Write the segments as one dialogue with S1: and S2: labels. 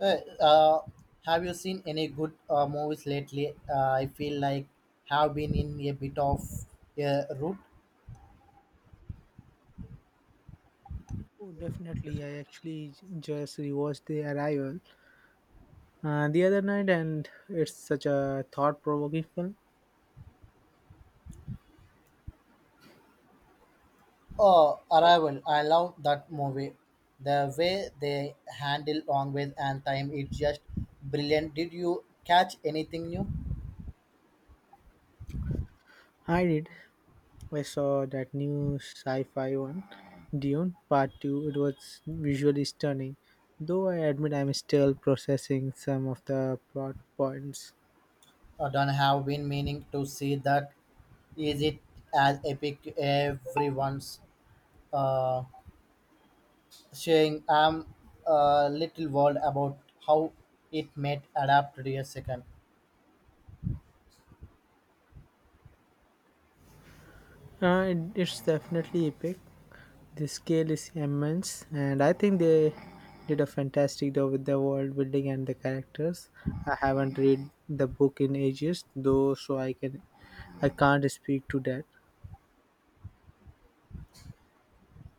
S1: Hey, uh, have you seen any good movies lately? I feel like have been in a bit of a route.
S2: Oh, definitely. I actually just rewatched The Arrival the other night, and it's such a thought provoking film.
S1: Oh, Arrival. I love that movie. The way they handle language and time is just brilliant. Did you catch anything new?
S2: I did. I saw that new sci fi one, Dune Part 2. It was visually stunning, though I admit I'm still processing some of the plot points.
S1: I don't have been meaning to see that. Is it as epic everyone's uh, saying? I'm a little worried about how it might adapt to a second.
S2: It's definitely epic. The scale is immense, and I think they did a fantastic job with the world building and the characters. I haven't read the book in ages, though, so I can't speak to that.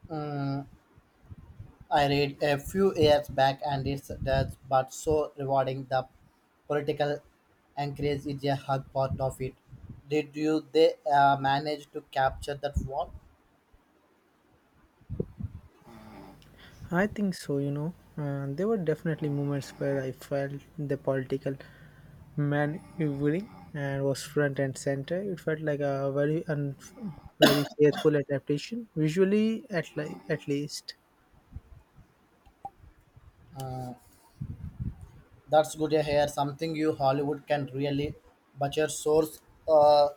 S1: Mm, I read a few years back, and it's that's but so rewarding. The political anchorage is a hard part of it. Did you they manage to capture that one?
S2: I think so. There were definitely moments where I felt the political maneuvering and was front and center. It felt like a very very faithful adaptation, visually at at least.
S1: Uh, that's good to hear. Something you Hollywood can really butcher source uh,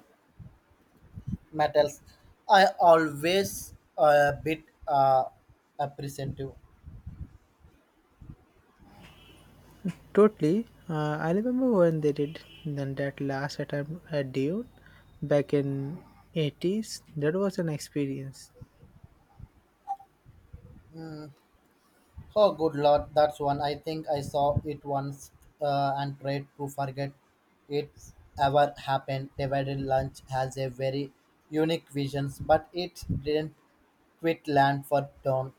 S1: metals. I always a bit appreciative.
S2: Totally. I remember when they did then that last attempt at Dune back in 80's. That was an experience.
S1: Oh, good lord, that's one. I think I saw it once and tried to forget it ever happened. David Lunch has a very unique visions, but it didn't quit land for dawn.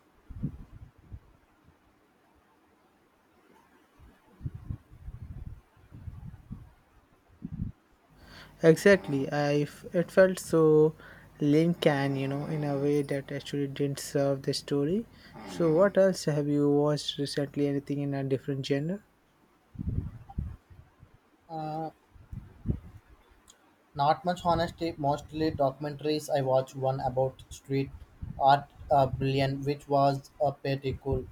S2: Exactly. It felt so limp and in a way that actually didn't serve the story. So what else have you watched recently? Anything in a different genre?
S1: Uh, Not much honesty, mostly documentaries. I watched one about street art brilliant, which was pretty cool.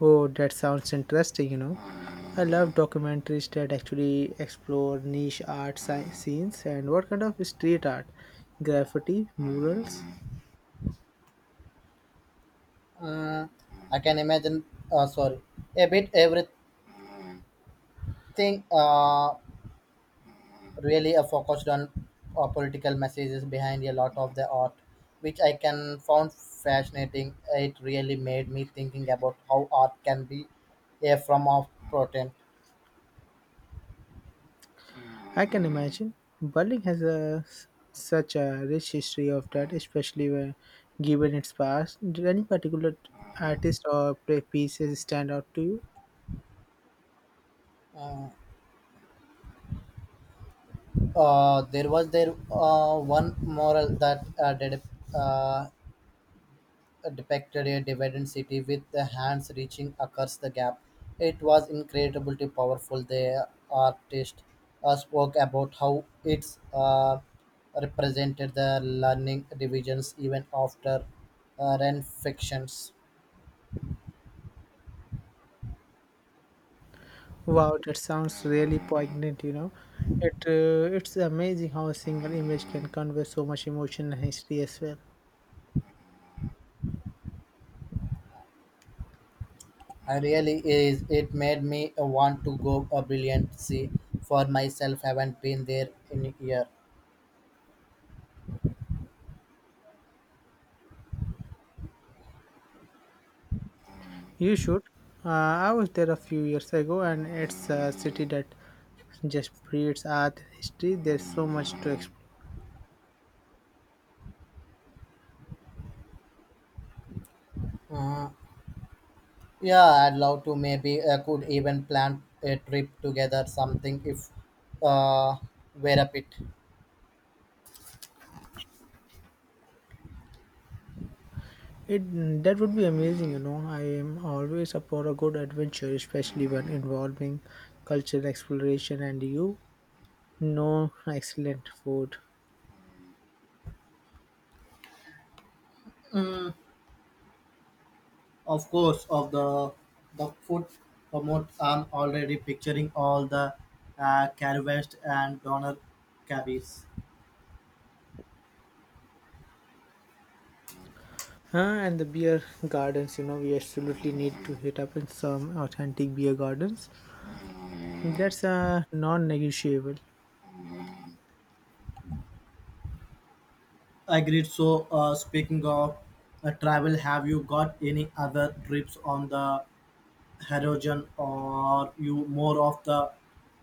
S2: Oh, that sounds interesting. I love documentaries that actually explore niche art scenes and what kind of street art, graffiti, murals.
S1: Uh, I can imagine, sorry, a bit everything. Uh, Really focused on political messages behind a lot of the art which I can found fascinating it really made me thinking about how art can be a form of protest.
S2: I can imagine. Berlin has a, such a rich history of that, especially when, given its past. Did any particular artist or play pieces stand out to you?
S1: There was there one moral that did uh, depicted a divided city with the hands reaching across the gap. It was incredibly powerful. The artist spoke about how it's represented the learning divisions even after uh, fictions.
S2: Wow, that sounds really poignant. It's amazing how a single image can convey so much emotion and history as well.
S1: I really is it made me want to go a brilliant sea for myself. Haven't been there in a year.
S2: You should. I was there a few years ago, and it's a city that just breeds art and history. There's so much to explore.
S1: Uh, Yeah, I'd love to. Maybe I could even plan a trip together, something if uh, we're a bit.
S2: It that would be amazing. I am always up for a good adventure, especially when involving cultural exploration and excellent food.
S1: Of course, of the food promote, I'm already picturing all the caravans and donor cabbies.
S2: Huh, and the beer gardens, we absolutely need to hit up in some authentic beer gardens. That's non-negotiable.
S1: Agreed. So, speaking of travel, have you got any other trips on the horizon, or you more of the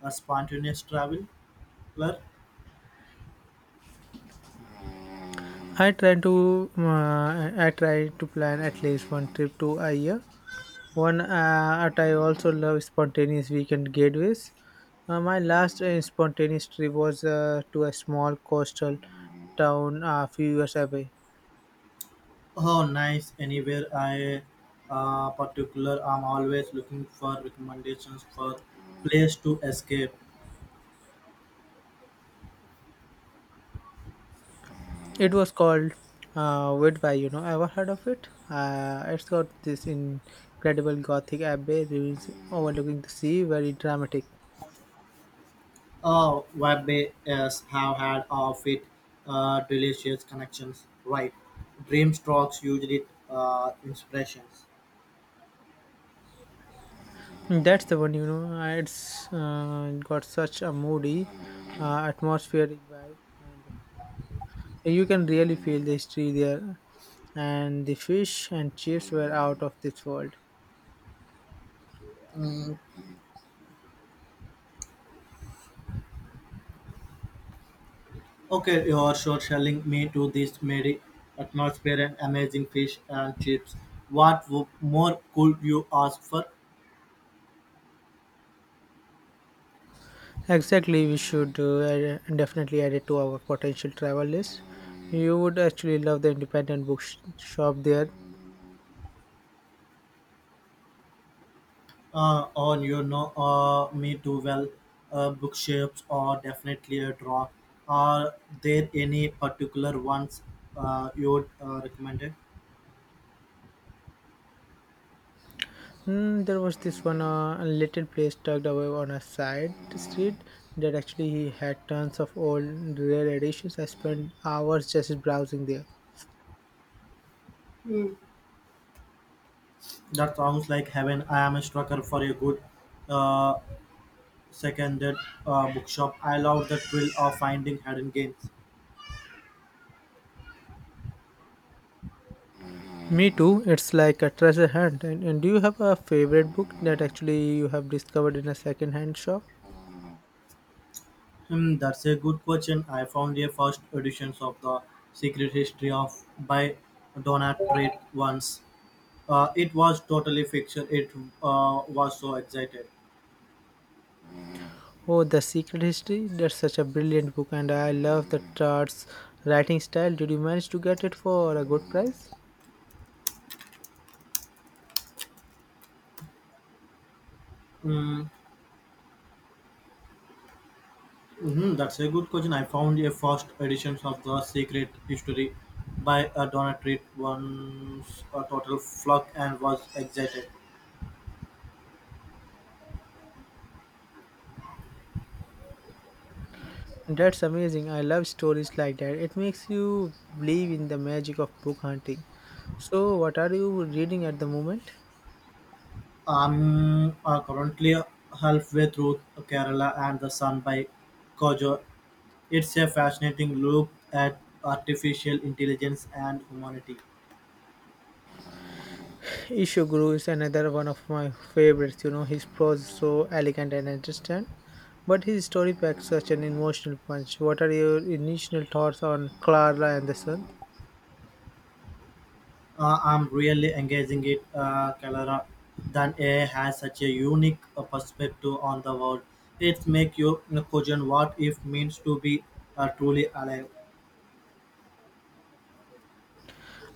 S1: spontaneous traveler?
S2: I try to plan at least one trip to a year. One at I also love spontaneous weekend getaways. My last spontaneous trip was to a small coastal town a few years away.
S1: Oh, nice. Anywhere I particular, I'm always looking for recommendations for place to escape.
S2: It was called Whitby. You know, ever heard of it? It's got this incredible Gothic abbey ruins overlooking the sea, very dramatic.
S1: Oh, Webby yes, have had of it delicious connections. Right, dream strokes usually inspirations.
S2: That's the one, you know. It's Got such a moody, atmospheric vibe, and you can really feel the history there. And the fish and chips were out of this world.
S1: Mm, okay, you're short selling me to this merry atmosphere and amazing fish and chips. What more could you ask for?
S2: Exactly, we should definitely add it to our potential travel list. You would actually love the independent bookshop there.
S1: Or you know me too well. Bookshelves are definitely a draw. Are there any particular ones you would recommend? It?
S2: Hmm, there was this one little place tucked away on a side street that actually he had tons of old rare editions. I spent hours just browsing there.
S1: That sounds like heaven. I am a sucker for a good uh, seconded bookshop. I love the thrill of finding hidden games.
S2: Me too. It's like a treasure hunt. And do you have a favorite book that actually you have discovered in a second-hand shop?
S1: Hmm, that's a good question. I found the first editions of the Secret History of by Donna Treat once. It was totally fiction. It was so excited.
S2: Oh, The Secret History. That's such a brilliant book, and I love the Tart's writing style. Did you manage to get it for a good price?
S1: Mm, mhm, that's a good question. I found a first edition of The Secret History by Donna Donatrit once a total flock and was excited.
S2: That's amazing. I love stories like that. It makes you believe in the magic of book hunting. So, what are you reading at the moment?
S1: I'm currently halfway through Kerala and the Sun by Kojo. It's a fascinating look at artificial intelligence and humanity.
S2: Ishiguro is another one of my favorites. You know, his prose is so elegant and interesting, but his story packs such an emotional punch. What are your initial thoughts on Clara and the Sun?
S1: I'm really engaging it, Kalara. Than A has such a unique perspective on the world. It make you question what if means to be truly alive.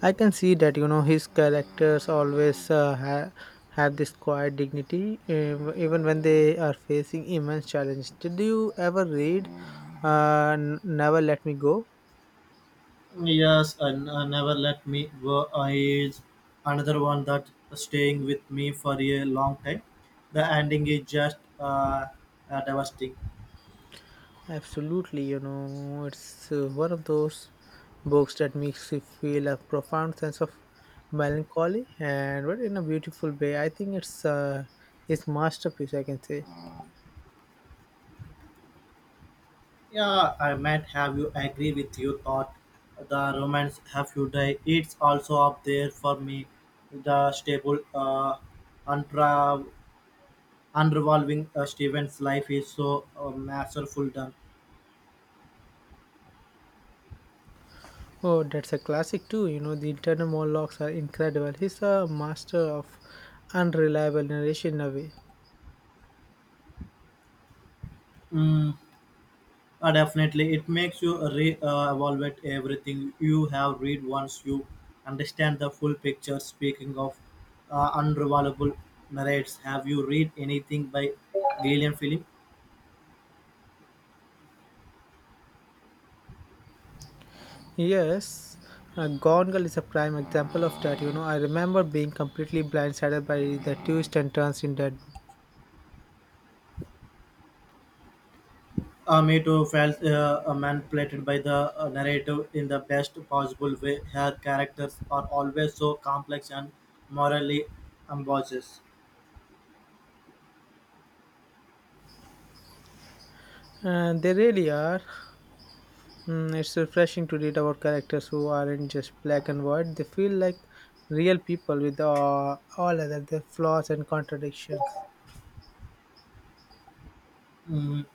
S2: I can see that his characters always have this quiet dignity, even when they are facing immense challenge. Did you ever read "Never Let Me Go"?
S1: Yes, and never let me go is another one that staying with me for a long time. The ending is just devastating.
S2: Absolutely, it's one of those books that makes you feel a profound sense of melancholy, and but in a beautiful way. I think it's his masterpiece. I can say.
S1: Yeah, I might have you agree with you thought the romance have you die. It's also up there for me. The stable untra unrevolving Steven's life is so masterful done.
S2: Oh, that's a classic too. You know, the internal monologues are incredible. He's a master of unreliable narration in a way.
S1: Mm, definitely it makes you re evaluate everything you have read once you understand the full picture. Speaking of unrevolvable narrates, have you read anything by Gillian Philip?
S2: Yes, Gone Girl is a prime example of that. You know, I remember being completely blindsided by the twists and turns in that book.
S1: Me too felt manipulated by the narrative in the best possible way. Her characters are always so complex and morally ambiguous.
S2: And they really are. Mm, it's refreshing to read about characters who aren't just black and white. They feel like real people with all other their flaws and contradictions.
S1: Mm.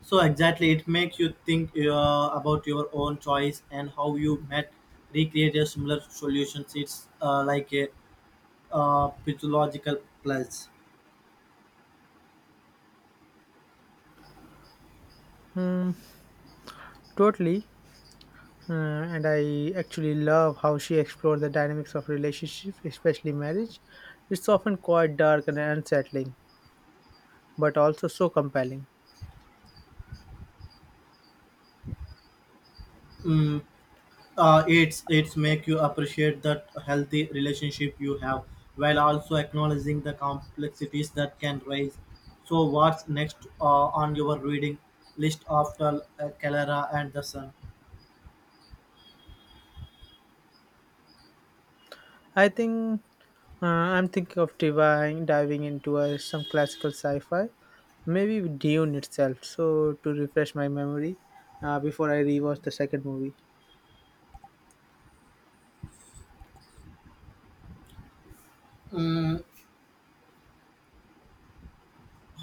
S1: So exactly, it makes you think about your own choice and how you might recreate a similar solution. It's like a physiological pledge.
S2: Totally. And I actually love how she explores the dynamics of relationships, especially marriage. It's often quite dark and unsettling, but also so compelling.
S1: It's make you appreciate that healthy relationship you have while also acknowledging the complexities that can rise so what's next on your reading list after Calera and the Sun.
S2: I think I'm thinking of diving into some classical sci-fi, maybe Dune itself, so to refresh my memory before I rewatch the second movie.
S1: mm,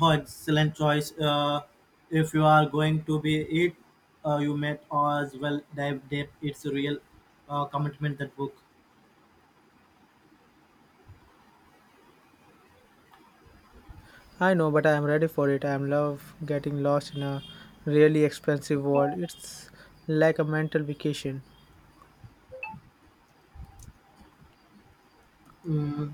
S1: oh, excellent choice if you are going to be it you might as well dive deep it's a real commitment that book.
S2: I know, but I am ready for it. I am love getting lost in a really expensive world. It's like a mental vacation.
S1: Mm,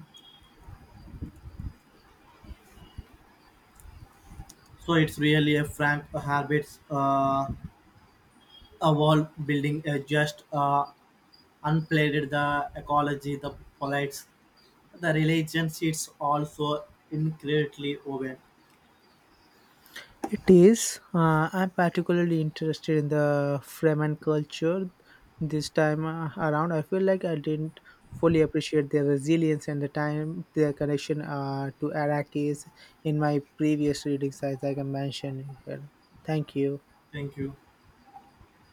S1: so it's really a Frank Herbert's a wall building just unplayed, the ecology, the politics, the religions. It's also incredibly woven.
S2: It is. I'm particularly interested in the Fremen culture this time around. I feel like I didn't fully appreciate their resilience and the time their connection to Iraq is in my previous readings, as I mentioned here. Thank you.
S1: Thank you.